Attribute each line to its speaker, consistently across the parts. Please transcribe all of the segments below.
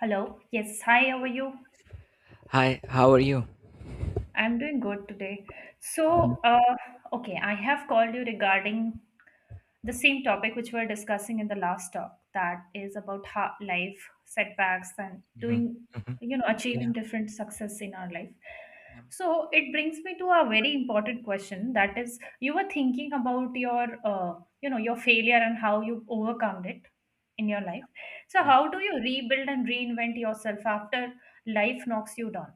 Speaker 1: Hello. Yes. Hi, how are you?
Speaker 2: Hi, how are you?
Speaker 1: I'm doing good today.
Speaker 2: Mhm,
Speaker 1: So, okay, I have called you regarding the same topic which we are discussing in the last talk, that is about how life setbacks and
Speaker 2: mhm,
Speaker 1: doing
Speaker 2: mhm.
Speaker 1: you know achieving
Speaker 2: Yeah,
Speaker 1: different success in our life.
Speaker 2: yeah,
Speaker 1: So it brings me to a very important question, that is, you were thinking about your failure and how you overcome it in your life. So
Speaker 2: yeah,
Speaker 1: how do you rebuild and reinvent yourself after life knocks you down?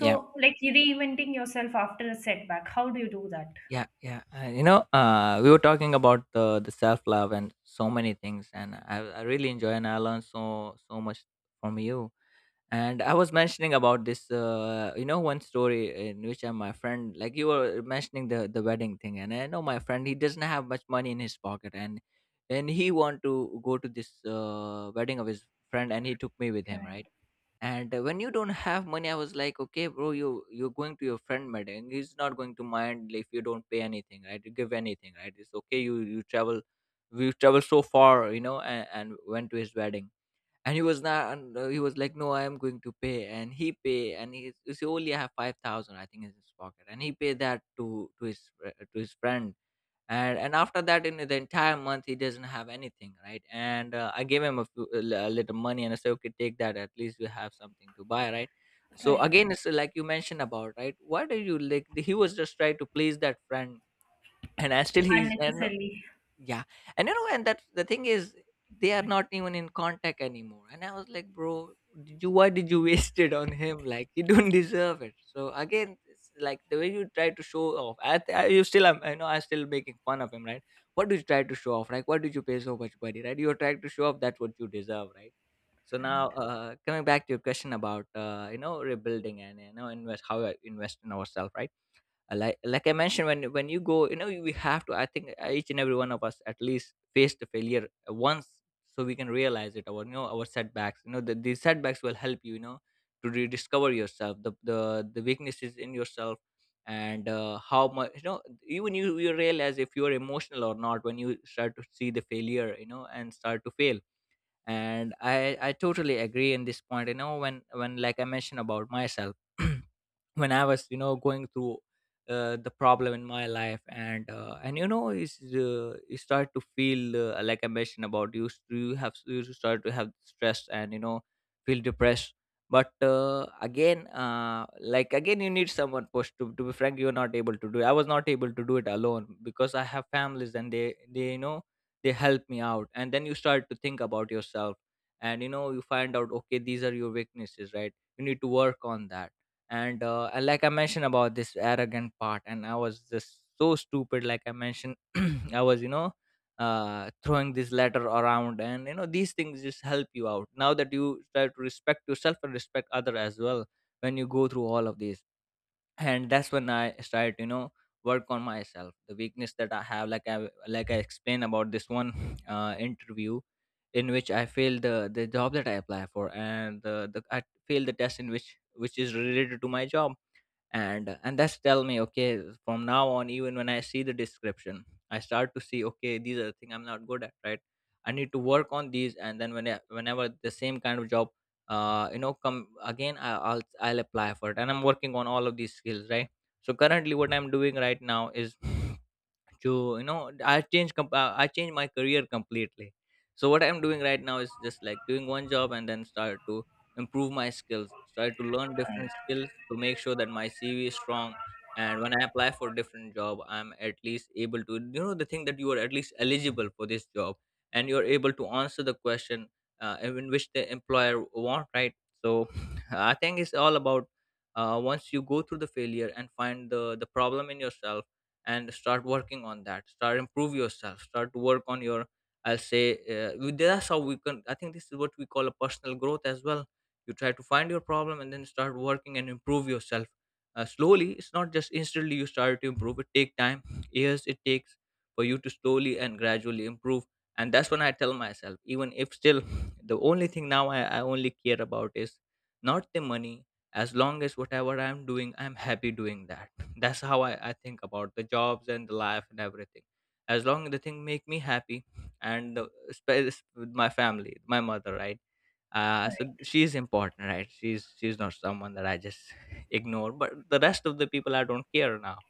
Speaker 1: So like, reinventing yourself after a setback, how do you do that?
Speaker 2: yeah, yeah. We were talking about the self love and so many things, and I really enjoy and I learned so much from you. And I was mentioning about this, one story in which my friend, like you were mentioning the wedding thing, and I know my friend he doesn't have much money in his pocket, and he want to go to this wedding of his friend, and he took me with him,
Speaker 1: Right.
Speaker 2: right? And when you don't have money, I was like, okay bro, you're going to your friend meeting. He's not going to mind if you don't pay anything, right? You give anything, right? It's okay. You travel, we traveled so far, and went to his wedding. And he was not, and he was like, no, I am going to pay. And he pay, he only have 5000 I think in his pocket, and he pay that to to his friend. And after that in the entire month he doesn't have anything, right? And I gave him a, few, a li- a little money, and I said, okay, take that, at least you have something to buy, right? So
Speaker 1: Right.
Speaker 2: again it's like you mentioned about, right, why did you, like, he was just trying to please that friend. And I still he's and
Speaker 1: Unnecessarily.
Speaker 2: Yeah. And you know, and that the thing is they are not even in contact anymore. And I was like, bro, did you why did you waste it on him? Like, you don't deserve it. So again, it's like the way you try to show off. I know I'm still making fun of him, right? What did you try to show off? Like, what did you pay so much money, right? You're trying to show off, that's what you deserve, right? So
Speaker 1: Right.
Speaker 2: now, coming back to your question about, rebuilding and, you know invest how I invest in ourselves, right? Like I mentioned, when you go, you know, we have to, I think, each and every one of us at least face the failure once so we can realize it, our, you know, our setbacks. You know these setbacks will help you, you know, to rediscover yourself, the weaknesses in yourself. And how much, you know, even you realize if you're emotional or not when you start to see the failure, you know, and start to fail. And I totally agree in this point, you know, when, like I mentioned about myself. When I was, you know, going through the problem in my life, and you know, it's, you start to feel, like I mentioned about, you have, you start to have stress, and you know, feel depressed. But like again, you need someone push. To be frank, you are not able to do it. I was not able to do it alone because I have families, and they you know, they help me out. And then you start to think about yourself, and you know, you find out, okay, these are your weaknesses, right? You need to work on that. And like I mentioned about this arrogant part, and I was just so stupid, like I mentioned. I was, you know, throwing this letter around, and you know, these things just help you out, now that you try to respect yourself and respect other as well when you go through all of these. And that's when I started, you know, work on myself, the weakness that I have, like I explained about this one interview in which I failed the job that I apply for, the, I failed the test in which is related to my job. And that's tell me, okay, from now on, even when I see the description, I start to see, okay, these are the thing I'm not good at, right? I need to work on these. And then whenever the same kind of job you know come again, I'll apply for it, and I'm working on all of these skills, right? So currently what I'm doing right now is to, you know, I changed my career completely. So what I'm doing right now is just like doing one job, and then start to improve my skills, start to learn different skills to make sure that my cv is strong. And when I apply for different job, I'm at least able to, you know, the thing that you are at least eligible for this job, and you're able to answer the question in which the employer want, right? So I think it's all about, once you go through the failure and find the problem in yourself, and start working on that, start improve yourself, start to work on your, I'll say, that's how we can, I think, this is what we call a personal growth as well. You try to find your problem, and then start working and improve yourself. Slowly, it's not just instantly you start to improve, it take time, years it takes for you to slowly and gradually improve. And that's when I tell myself, even if still the only thing now, I only care about is not the money. As long as whatever I'm doing I'm happy doing that, that's how I think about the jobs and the life and everything. As long as the thing make me happy, and with my family, my mother, right? So she's important, right? She's not someone that I just ignore, but the rest of the people I don't care now.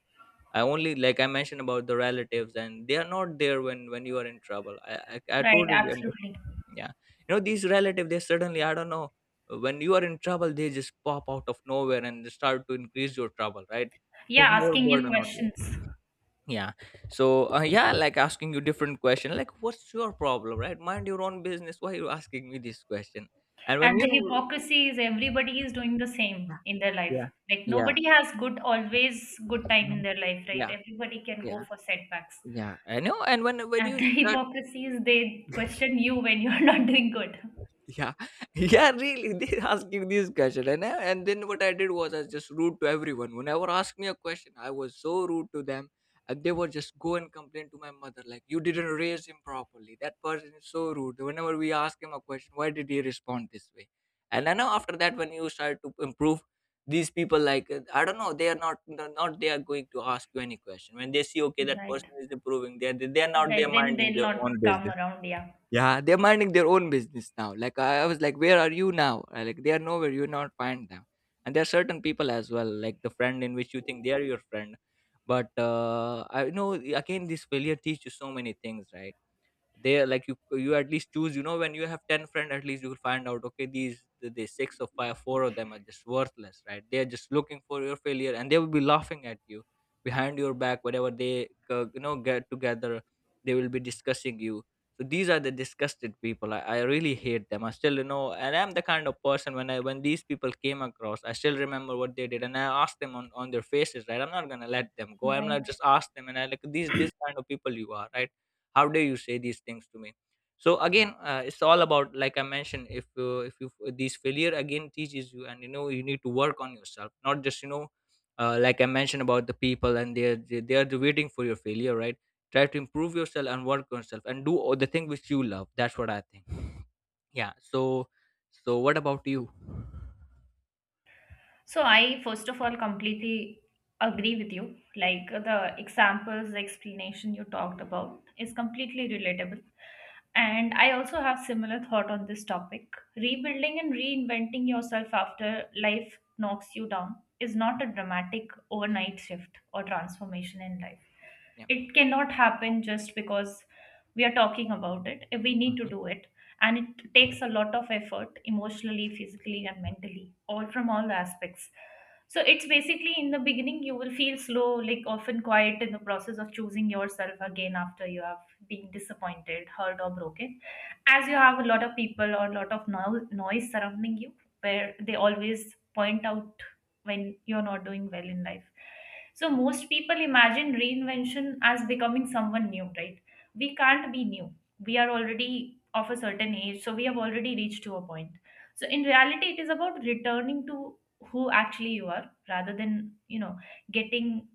Speaker 2: I only, like I mentioned about the relatives, and they are not there when you are in trouble. I
Speaker 1: Right,
Speaker 2: totally under-
Speaker 1: absolutely.
Speaker 2: Yeah. You know, these relatives, they suddenly, I don't know, when you are in trouble, they just pop out of nowhere and they start to increase your trouble, right? Put
Speaker 1: Yeah,
Speaker 2: more
Speaker 1: asking you
Speaker 2: burden on you.
Speaker 1: questions.
Speaker 2: Yeah. So yeah, like asking you different question, like, what's your problem, right? Mind your own business. Why are you asking me this question? And when
Speaker 1: And the
Speaker 2: you
Speaker 1: hypocrisy is everybody is doing the
Speaker 2: Yeah,
Speaker 1: same in their life.
Speaker 2: yeah,
Speaker 1: Like
Speaker 2: yeah.
Speaker 1: nobody has good always good time in
Speaker 2: Mhm.
Speaker 1: their life, right?
Speaker 2: Yeah,
Speaker 1: Everybody can go
Speaker 2: yeah,
Speaker 1: for setbacks.
Speaker 2: yeah, I know. And when
Speaker 1: And
Speaker 2: you
Speaker 1: the
Speaker 2: start,
Speaker 1: hypocrisy is they question you when you're not doing good.
Speaker 2: yeah, yeah, really, they asked you this question. And and then what I did was I was just rude to everyone. Whenever asked me a question, I was so rude to them, and they would just go and complain to my mother, like, you didn't raise him properly, that person is so rude, whenever we ask him a question why did he respond this way. And I know, after that, when you start to improve, these people, like, I don't know, they are not, they're not they are going to ask you any question. When they see, okay, that
Speaker 1: Right.
Speaker 2: person is improving, they are not, they
Speaker 1: Right.
Speaker 2: are
Speaker 1: Then
Speaker 2: minding
Speaker 1: they'll
Speaker 2: their own
Speaker 1: not come
Speaker 2: business.
Speaker 1: around, yeah.
Speaker 2: Yeah, they're minding their own business now. Like, I was like, where are you now? Like, they are nowhere. You're not find them. And there are certain people as well, like the friend in which you think they are your friend, but I know again, this failure teaches you so many things, right? they like you at least choose when you have 10 friends, at least you'll find out okay the six or five four of them are just worthless, right? They're just looking for your failure, and they will be laughing at you behind your back whenever they get together. They will be discussing you. So these are the disgusted people. I really hate them. I still, and I'm the kind of person, when these people came across, I still remember what they did, and I asked them on their faces, right? I'm not gonna let them go, I'm not
Speaker 1: Right.
Speaker 2: just ask them. And I like these this kind of people, you are right. How dare you say these things to me? So again, it's all about, like I mentioned, if you these failure again teaches you, and you need to work on yourself, not just like I mentioned about the people. And they're waiting for your failure, right? Try to improve yourself and work on yourself and do all the thing which you love. That's what I think. Yeah. So, what about you?
Speaker 1: So I, first of all, completely agree with you. Like, the examples, the explanation you talked about is completely relatable. And I also have similar thought on this topic. Rebuilding and reinventing yourself after life knocks you down is not a dramatic
Speaker 2: Yeah,
Speaker 1: overnight shift or transformation in life.
Speaker 2: yeah.
Speaker 1: It cannot happen just because we are talking about it, we need to
Speaker 2: Mhm,
Speaker 1: do it. And it takes a lot of effort, emotionally, physically and mentally, all from all the aspects. So it's basically, in the beginning, you will feel slow, like often quiet, in the process of choosing yourself again after you have been disappointed, hurt or broken. As you have a lot of people or a lot of noise surrounding you, where they always point out when you're not doing well in life. So most people imagine reinvention as becoming someone new, right? We can't be new. We are already of a certain age, so we have already reached to a point. So in reality, it is about returning to who actually you are rather than, you know, getting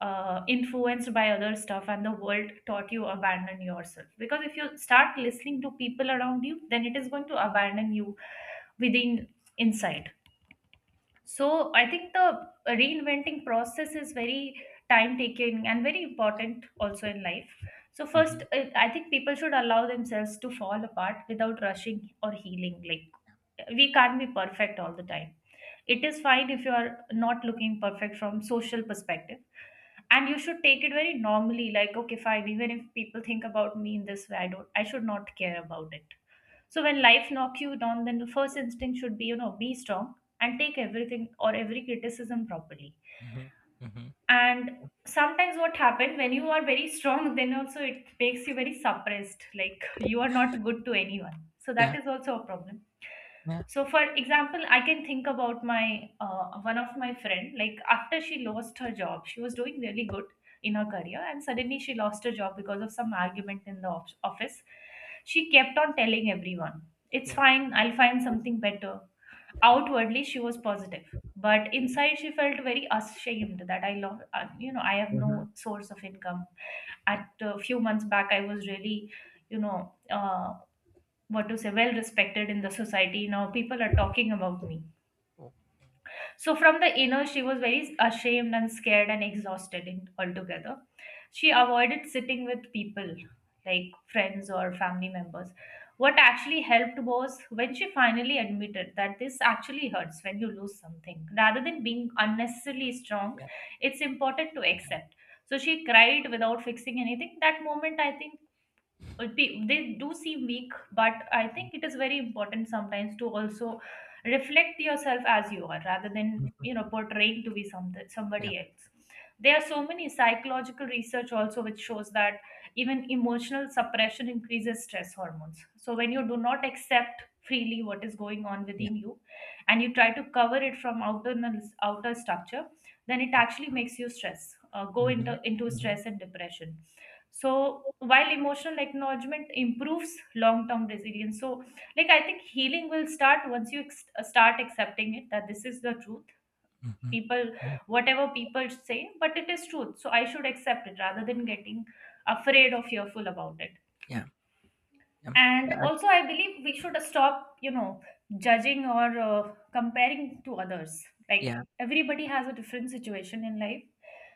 Speaker 1: influenced by other stuff. And the world taught you abandon yourself, because if you start listening to people around you, then it is going to abandon you within, inside. So I think the reinventing process is very time taking and very important also in life. So first,
Speaker 2: mhm,
Speaker 1: I think people should allow themselves to fall apart without rushing or healing. Like, we can't be perfect all the time. It is fine if you are not looking perfect from social perspective. And you should take it very normally, like okay fine, even if people think about me in this way, I should not care about it. So when life knocks you down, then the first instinct should be, you know, be strong and take everything or every criticism properly.
Speaker 2: mhm, mhm.
Speaker 1: And sometimes what happens, when you are very strong then also it makes you very suppressed, like you are not good to anyone, so that
Speaker 2: Yeah,
Speaker 1: is also a problem.
Speaker 2: yeah,
Speaker 1: So for example, I can think about my one of my friend. Like after she lost her job, she was doing really good in her career, and suddenly she lost her job because of some argument in the office. She kept on telling everyone, it's
Speaker 2: yeah.
Speaker 1: fine, I'll find something better. Outwardly she was positive, but inside she felt very ashamed that I love I have
Speaker 2: Mhm,
Speaker 1: no source of income.
Speaker 2: yeah.
Speaker 1: At a few months back, I was really, you know, what to say, well respected in the society. Now people are talking about me.
Speaker 2: Oh,
Speaker 1: So from the inner, she was very ashamed and scared and exhausted in, altogether. She avoided sitting with people like friends or family members. What actually helped was when she finally admitted that this actually hurts when you lose something. Rather than being unnecessarily strong,
Speaker 2: yeah.
Speaker 1: it's important to accept. So she cried without fixing anything. That moment, I think, they do seem weak, but I think it is very important sometimes to also reflect yourself as you are rather than,
Speaker 2: Mhm,
Speaker 1: you know, portraying to be some,
Speaker 2: yeah,
Speaker 1: somebody else. There are so many psychological research also which shows that even emotional suppression increases stress hormones. So when you do not accept freely what is going on
Speaker 2: yeah.
Speaker 1: within you and you try to cover it from outer structure, then it actually makes you stress, go
Speaker 2: Mhm.
Speaker 1: into
Speaker 2: Mhm.
Speaker 1: stress and depression. So while emotional acknowledgement improves long term resilience. So like, I think healing will start once you start accepting it that this is the truth.
Speaker 2: Mhm.
Speaker 1: People,
Speaker 2: Yeah.
Speaker 1: whatever people say, but it is truth, so I should accept it rather than getting afraid or fearful about it.
Speaker 2: Yeah. Yeah.
Speaker 1: And also I believe we should stop, you know, judging or comparing to others. Like,
Speaker 2: Yeah.
Speaker 1: everybody has a different situation in life,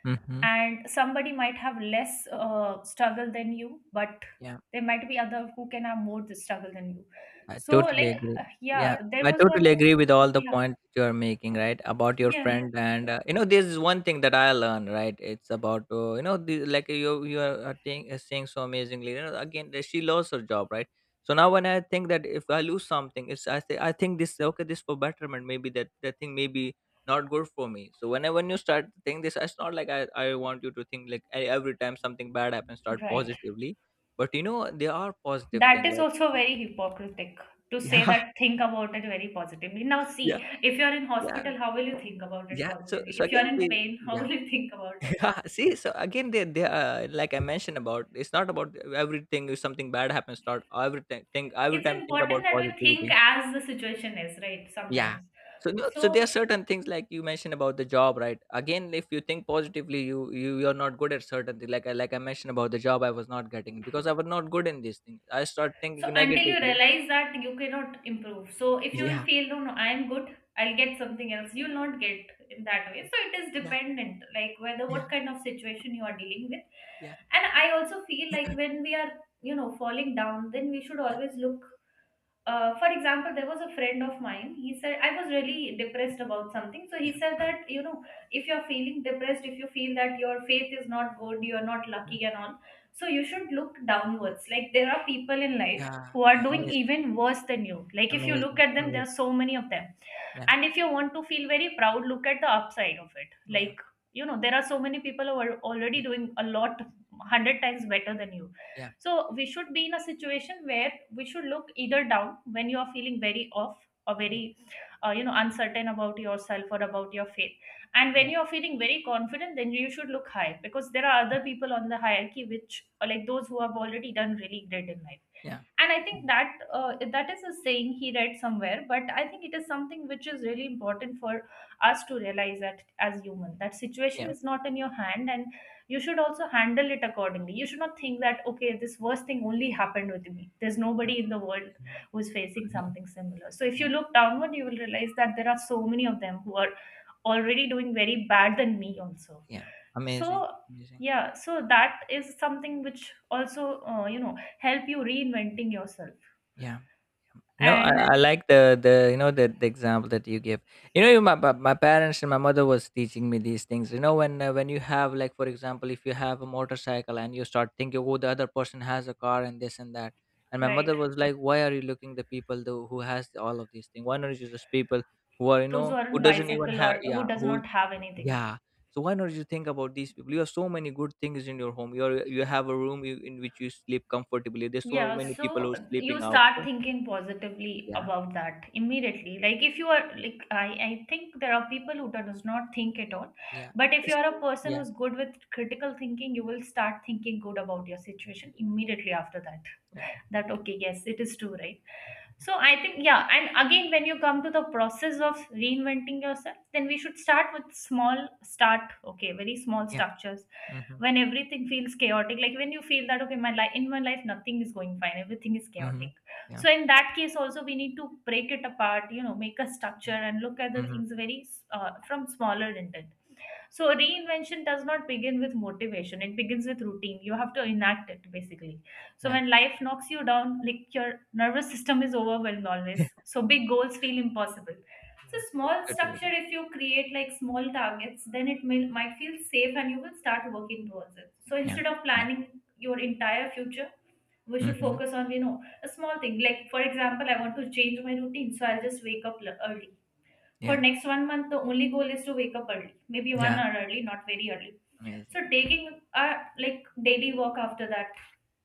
Speaker 2: Mhm.
Speaker 1: and somebody might have less struggle than you, but
Speaker 2: Yeah.
Speaker 1: there might be other who can have more struggle than you.
Speaker 2: I
Speaker 1: So
Speaker 2: totally
Speaker 1: like,
Speaker 2: agree. Yeah,
Speaker 1: yeah, there
Speaker 2: I
Speaker 1: was one.
Speaker 2: totally agree with all the
Speaker 1: Yeah,
Speaker 2: points you are making, right? About your
Speaker 1: yeah.
Speaker 2: friend, and this is one thing that I learned, right? It's about like you are saying so amazingly. Again, that she lost her job, right? So now when I think that if I lose something, it's, I say, I think this. Okay, this for betterment. Maybe that thing maybe not good for me. So whenever when you start to think this, it's not like I want you to think, like every time something bad happens, start
Speaker 1: Right.
Speaker 2: positively. But you know, there are positive
Speaker 1: That
Speaker 2: things,
Speaker 1: is
Speaker 2: like.
Speaker 1: also very hypocritic to say that, think about it very positively. Now
Speaker 2: Yeah.
Speaker 1: see, if you're in
Speaker 2: Yeah,
Speaker 1: hospital, how will you think about it
Speaker 2: yeah. So
Speaker 1: positively?
Speaker 2: so
Speaker 1: If you're
Speaker 2: again
Speaker 1: in
Speaker 2: they,
Speaker 1: pain, how
Speaker 2: yeah.
Speaker 1: will you think about it
Speaker 2: Yeah,
Speaker 1: positively?
Speaker 2: see, so again they like I mentioned about, it's not about everything, if something bad happens, not everything think every
Speaker 1: It's
Speaker 2: time think about
Speaker 1: important that we think
Speaker 2: positivity.
Speaker 1: as the situation is, right?
Speaker 2: Yeah.
Speaker 1: Sometimes,
Speaker 2: So no, so there
Speaker 1: so.
Speaker 2: are certain things like you mentioned about the job, right? Again, if you think positively, you're not good at certain thing. Like I, like I mentioned about the job, I was not getting because I was not good in these things. I start
Speaker 1: So
Speaker 2: thinking
Speaker 1: until you
Speaker 2: negatively.
Speaker 1: realize that you cannot improve. So if you will
Speaker 2: Yeah.
Speaker 1: feel, no, no, I'm good, I'll get something else, you'll not get in that way. So it is
Speaker 2: Yeah.
Speaker 1: dependent, like whether what
Speaker 2: Yeah.
Speaker 1: kind of situation you are dealing with.
Speaker 2: Yeah.
Speaker 1: And I also feel like when we are, you know, falling down, then we should
Speaker 2: Yeah.
Speaker 1: always look, for example, there was a friend of mine. He said, I was really depressed about something. So he
Speaker 2: Yeah.
Speaker 1: said that, you know, if you're feeling depressed, if you feel that your faith is not good, you're not lucky and all, so you should look downwards. Like, there are people in life
Speaker 2: Yeah.
Speaker 1: who are doing
Speaker 2: Amazing.
Speaker 1: even worse than you. Like if you look
Speaker 2: Amazing.
Speaker 1: at them, there
Speaker 2: Amazing.
Speaker 1: are so many of them.
Speaker 2: Yeah.
Speaker 1: And if you want to feel very proud, look at the upside of it.
Speaker 2: Yeah.
Speaker 1: Like, you know, there are so many people who are already
Speaker 2: Yeah,
Speaker 1: doing a lot, 100 times better than you.
Speaker 2: yeah,
Speaker 1: So we should be in a situation where we should look either down when you are feeling very off, or
Speaker 2: I mean,
Speaker 1: very you know, uncertain about yourself or about your faith. And when
Speaker 2: yeah,
Speaker 1: you are feeling very confident, then you should look high, because there are other people on the hierarchy which are like those who have already done really great in life.
Speaker 2: yeah.
Speaker 1: And I think
Speaker 2: Mm,
Speaker 1: that, that is a saying he read somewhere, but I think it is something which is really important for us to realize that, as human, that situation
Speaker 2: yeah,
Speaker 1: is not in your hand. And you should also handle it accordingly. You should not think that okay, this worst thing only happened with me, there's
Speaker 2: yeah,
Speaker 1: nobody in the world
Speaker 2: yeah,
Speaker 1: who's facing
Speaker 2: mhm,
Speaker 1: something similar. So if
Speaker 2: yeah,
Speaker 1: you look downward, you will realize that there are so many of them who are already doing very bad than me also.
Speaker 2: yeah.
Speaker 1: So
Speaker 2: Amazing, amazing.
Speaker 1: yeah, so that is something which also, you know, help you reinventing yourself.
Speaker 2: Yeah, yeah. You know, I
Speaker 1: And
Speaker 2: like the example that you give. You know, my parents and my mother was teaching me these things. You know, when you have, like for example, if you have a motorcycle and you start thinking, oh, the other person has a car and this and that. And my
Speaker 1: right,
Speaker 2: mother was like, why are you looking the people though who has all of these things? Why not you just people who are
Speaker 1: those who are on
Speaker 2: who doesn't even
Speaker 1: bicycle
Speaker 2: have,
Speaker 1: or who
Speaker 2: yeah,
Speaker 1: does
Speaker 2: who.
Speaker 1: not have anything.
Speaker 2: Yeah. So why not you think about these people? You have so many good things in your home. You are, you have a room you, in which you sleep comfortably. There's so
Speaker 1: Yeah,
Speaker 2: many people
Speaker 1: so
Speaker 2: who are
Speaker 1: you
Speaker 2: sleeping out.
Speaker 1: start
Speaker 2: So,
Speaker 1: thinking positively
Speaker 2: yeah.
Speaker 1: about that
Speaker 2: Yeah.
Speaker 1: immediately. Like if you are like, I think there are people who does not think at all.
Speaker 2: Yeah.
Speaker 1: But if you
Speaker 2: It's-
Speaker 1: are a person
Speaker 2: yeah.
Speaker 1: who's good with critical thinking, you will start thinking good about your situation immediately after that.
Speaker 2: Yeah.
Speaker 1: That okay, yes, it is true, right? So I think yeah, and again, when you come to the process of reinventing yourself, then we should start with small start, okay, very small
Speaker 2: Yeah.
Speaker 1: structures,
Speaker 2: Mm-hmm.
Speaker 1: when everything feels chaotic. Like when you feel that, okay, my life, in my life nothing is going fine, everything is
Speaker 2: Mm-hmm.
Speaker 1: chaotic.
Speaker 2: Yeah.
Speaker 1: So in that case also we need to break it apart, you know, make a structure
Speaker 2: Yeah.
Speaker 1: and look at the
Speaker 2: Mm-hmm.
Speaker 1: things very, from smaller intent. So reinvention does not begin with motivation. It begins with routine. You have to enact it basically. So
Speaker 2: Yeah.
Speaker 1: when life knocks you down, like, your nervous system is overwhelmed always. So big goals feel impossible. So
Speaker 2: Yeah.
Speaker 1: small
Speaker 2: Totally.
Speaker 1: structure, if you create like small targets, then it may, might feel safe, and you will start working towards it. So
Speaker 2: Yeah.
Speaker 1: instead of
Speaker 2: Yeah.
Speaker 1: planning your entire future, we should
Speaker 2: Mm-hmm.
Speaker 1: focus on, you know, a small thing. Like for example, I want to change my routine, so I'll just wake up early for
Speaker 2: Yeah.
Speaker 1: next 1 month. The only goal is to wake up early, maybe one
Speaker 2: Yeah.
Speaker 1: hour early, not very early.
Speaker 2: Amazing.
Speaker 1: So taking a like daily walk after that,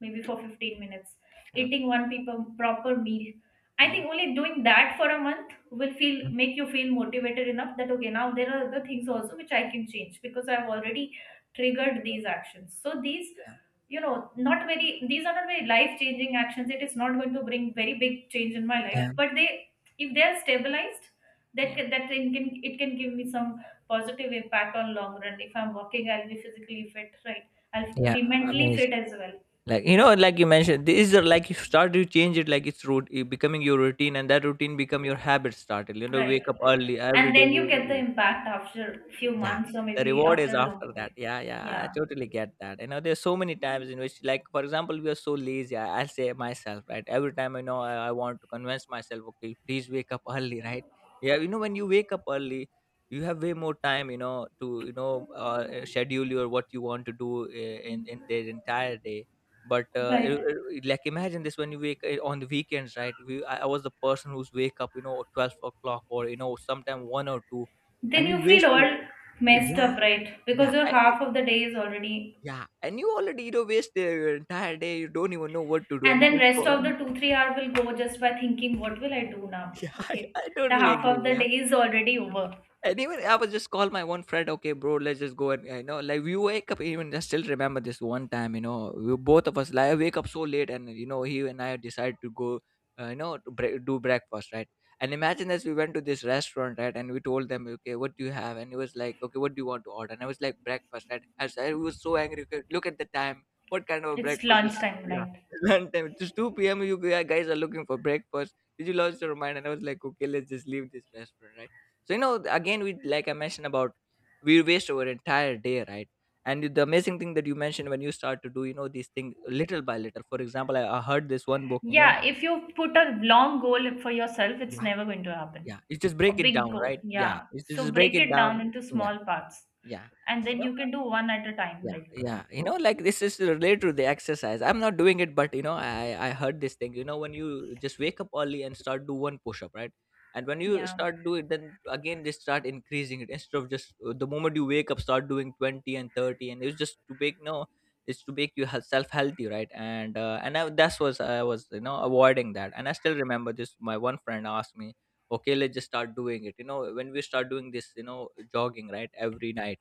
Speaker 1: maybe for 15 minutes,
Speaker 2: Yeah.
Speaker 1: eating one people proper meal. I
Speaker 2: Yeah.
Speaker 1: think only doing that for a month will feel
Speaker 2: Mhm.
Speaker 1: make you feel motivated enough that okay, now there are other things also which I can change, because I've already triggered these actions. So these,
Speaker 2: Yeah.
Speaker 1: you know, not very, these are not very life changing actions. It is not going to bring very big change in my life,
Speaker 2: Yeah.
Speaker 1: but they, if they are stabilized, that
Speaker 2: Yeah.
Speaker 1: can, that thing can, it can give me some positive impact on long run. If I'm working, I'll be physically fit, right? I'll
Speaker 2: Yeah.
Speaker 1: be mentally fit
Speaker 2: Amazing.
Speaker 1: as well.
Speaker 2: Like you know, like you mentioned, these are like you start to change it, like it's root, it becoming your routine, and that routine become your habit, started, you know,
Speaker 1: Right,
Speaker 2: wake up early every
Speaker 1: and
Speaker 2: day
Speaker 1: then you get the
Speaker 2: you.
Speaker 1: impact after few
Speaker 2: Yeah,
Speaker 1: months or
Speaker 2: the
Speaker 1: maybe
Speaker 2: reward is
Speaker 1: after a
Speaker 2: after
Speaker 1: longer
Speaker 2: that.
Speaker 1: period.
Speaker 2: Yeah, yeah,
Speaker 1: Yeah.
Speaker 2: I totally get that. You know, there's so many times in which, like, for example, we are so lazy. I'll say myself, right? Every time, you know, I want to convince myself, okay, please wake up early, right? Yeah, you know, when you wake up early, you have way more time, you know, to schedule your what you want to do in the entire day. But
Speaker 1: Right,
Speaker 2: like, imagine this, when you wake on the weekends, right? I was the person who's wake up, you know, 12 o'clock or you know, sometime one or two,
Speaker 1: then
Speaker 2: and
Speaker 1: you
Speaker 2: you
Speaker 1: feel
Speaker 2: waste your.
Speaker 1: all messed up,
Speaker 2: Yeah,
Speaker 1: right? Because
Speaker 2: yeah,
Speaker 1: your
Speaker 2: I
Speaker 1: half of the day is already.
Speaker 2: yeah, and you already, you know, waste your entire day, you don't even know what to do,
Speaker 1: And
Speaker 2: and you
Speaker 1: then
Speaker 2: just
Speaker 1: rest of
Speaker 2: go.
Speaker 1: the 2 3 hour will go just by thinking what will I do now.
Speaker 2: Yeah,
Speaker 1: Okay,
Speaker 2: I
Speaker 1: the
Speaker 2: totally
Speaker 1: half of
Speaker 2: agree.
Speaker 1: the
Speaker 2: Yeah.
Speaker 1: day is already over.
Speaker 2: Yeah. And even I was just call my one friend, okay, bro, let's just go and you know, like we wake up, even I still remember this one time, you know, we both of us like I wake up so late, and you know, he and I decided to go to do breakfast, right? And imagine this, we went to this restaurant, right? And we told them, okay, what do you have? And he was like, okay, what do you want to order? And I was like, breakfast, right? I was so angry. Okay, look at the time. What kind of a
Speaker 1: It's
Speaker 2: breakfast is?
Speaker 1: lunchtime,
Speaker 2: Yeah,
Speaker 1: right?
Speaker 2: lunchtime. It's 2 p.m. You guys are looking for breakfast. Did you lost your mind? And I was like, okay, let's just leave this restaurant, right? So you know, again we like I mentioned about, we waste our entire day, right? And the amazing thing that you mentioned, when you start to do, you know, these things little by little. For example, I heard this one book.
Speaker 1: Yeah, if you put a long goal for yourself, it's
Speaker 2: Yeah,
Speaker 1: never going to happen.
Speaker 2: yeah, you just
Speaker 1: A
Speaker 2: break it
Speaker 1: big
Speaker 2: down,
Speaker 1: goal,
Speaker 2: right? Yeah,
Speaker 1: yeah.
Speaker 2: you
Speaker 1: So
Speaker 2: just break
Speaker 1: break
Speaker 2: it
Speaker 1: it down
Speaker 2: down.
Speaker 1: into
Speaker 2: Yeah,
Speaker 1: small parts,
Speaker 2: yeah.
Speaker 1: and then you can do one at a time.
Speaker 2: Yeah,
Speaker 1: Like,
Speaker 2: yeah. You know, like this is related to the exercise. I'm not doing it, but you know, I heard this thing. You know, when you just wake up early and start do one push up, right? And when you
Speaker 1: yeah,
Speaker 2: start do it, then again just start increasing it, instead of just the moment you wake up start doing 20 and 30, and it's just to make. No, it's to make you self healthy, right? And I, that's was I was, you know, avoiding that, and I still remember this. My one friend asked me, okay, let's just start doing it. You know, when we start doing this, you know, jogging, right, every night,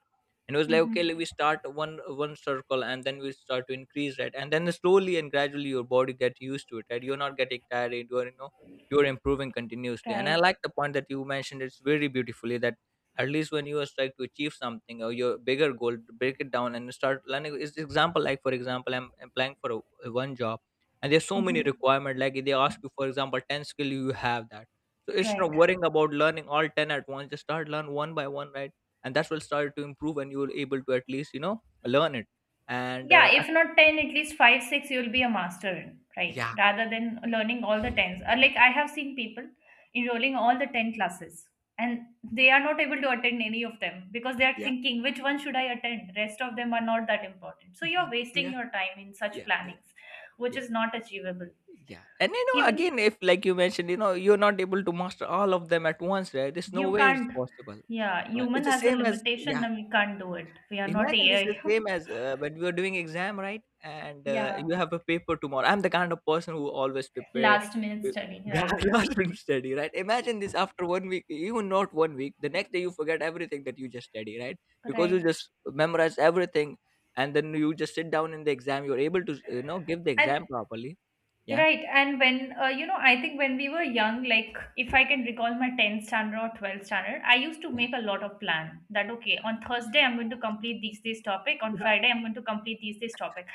Speaker 2: and it was like, okay, let we
Speaker 1: mm-hmm.
Speaker 2: start one circle, and then we start to increase that, and then slowly and gradually your body get used to it, right? You're not getting tired, you're, you know, you're improving continuously. And I
Speaker 1: Right,
Speaker 2: like the point that you mentioned, it's very beautifully, that at least when you are trying to achieve something, or your bigger goal, break it down and start learning. It's example like, for example, I'm applying for one job, and there's so many
Speaker 1: mm-hmm.
Speaker 2: requirement, like they ask you for example 10 skill you have that. So it's not
Speaker 1: Right.
Speaker 2: worrying about learning all 10 at once, just start learn one by one, right? And that will start to improve, and you will able to at least, you know, learn it. And
Speaker 1: Yeah, if not 10, at least 5 6 you'll be a master in, right,
Speaker 2: yeah,
Speaker 1: rather than learning all the 10s. Or like, I have seen people enrolling all the 10 classes, and they are not able to attend any of them because they are
Speaker 2: yeah,
Speaker 1: thinking which one should I attend, rest of them are not that important. So you're
Speaker 2: yeah,
Speaker 1: wasting
Speaker 2: yeah,
Speaker 1: your time in such
Speaker 2: yeah, yeah,
Speaker 1: plannings which
Speaker 2: yeah,
Speaker 1: is not achievable.
Speaker 2: yeah. And you know,
Speaker 1: Even
Speaker 2: again, if like you mentioned, you know, you're not able to master all of them at once, right? There's
Speaker 1: you
Speaker 2: no way it's
Speaker 1: can't.
Speaker 2: possible.
Speaker 1: Yeah, human
Speaker 2: It's the
Speaker 1: has a
Speaker 2: same as,
Speaker 1: limitation
Speaker 2: yeah.
Speaker 1: and we can't do it, we are not
Speaker 2: Imagine this
Speaker 1: AI.
Speaker 2: is same as when we were doing exam, right? And
Speaker 1: Yeah,
Speaker 2: you have a paper tomorrow. I'm the kind of person who always prepare.
Speaker 1: last minute
Speaker 2: with-
Speaker 1: study,
Speaker 2: Yeah, I
Speaker 1: right,
Speaker 2: lost in study, right? Imagine this, after one week, even not one week, the next day you forget everything that you just study, right? Because you
Speaker 1: right
Speaker 2: just memorize everything, and then you just sit down in the exam, you're able to, you know, give the
Speaker 1: and
Speaker 2: exam properly. Yeah,
Speaker 1: right, and when, you know, I think when we were young, like if I can recall my 10th standard or 12th standard, I used to
Speaker 2: yeah,
Speaker 1: make a lot of plan that okay, on Thursday I'm going to complete these this topic, on
Speaker 2: yeah.
Speaker 1: Friday I'm going to complete these this topic.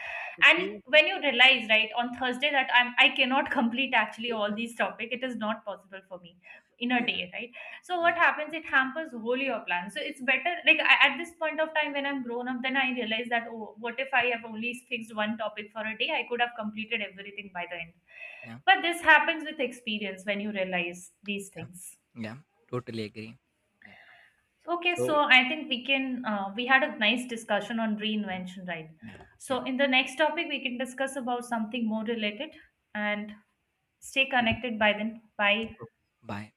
Speaker 1: And
Speaker 2: Okay.
Speaker 1: when you realize right on Thursday that I cannot complete actually all these topic, it is not possible for me in a
Speaker 2: Yeah,
Speaker 1: day, right? So what
Speaker 2: yeah,
Speaker 1: happens, it hampers whole your plan. So it's better, like, I, at this point of time when I'm grown up, then I realize that, oh, what if I have only fixed one topic for a day? I could have completed everything by the end.
Speaker 2: yeah,
Speaker 1: But this happens with experience, when you realize these
Speaker 2: yeah.
Speaker 1: things.
Speaker 2: Yeah, totally agree. Yeah.
Speaker 1: Okay, so
Speaker 2: So
Speaker 1: I think we can, we had a nice discussion on
Speaker 2: yeah,
Speaker 1: reinvention, right?
Speaker 2: yeah,
Speaker 1: So
Speaker 2: yeah.
Speaker 1: in the next topic we can discuss about something more related. And stay connected. By then, bye.
Speaker 2: Bye.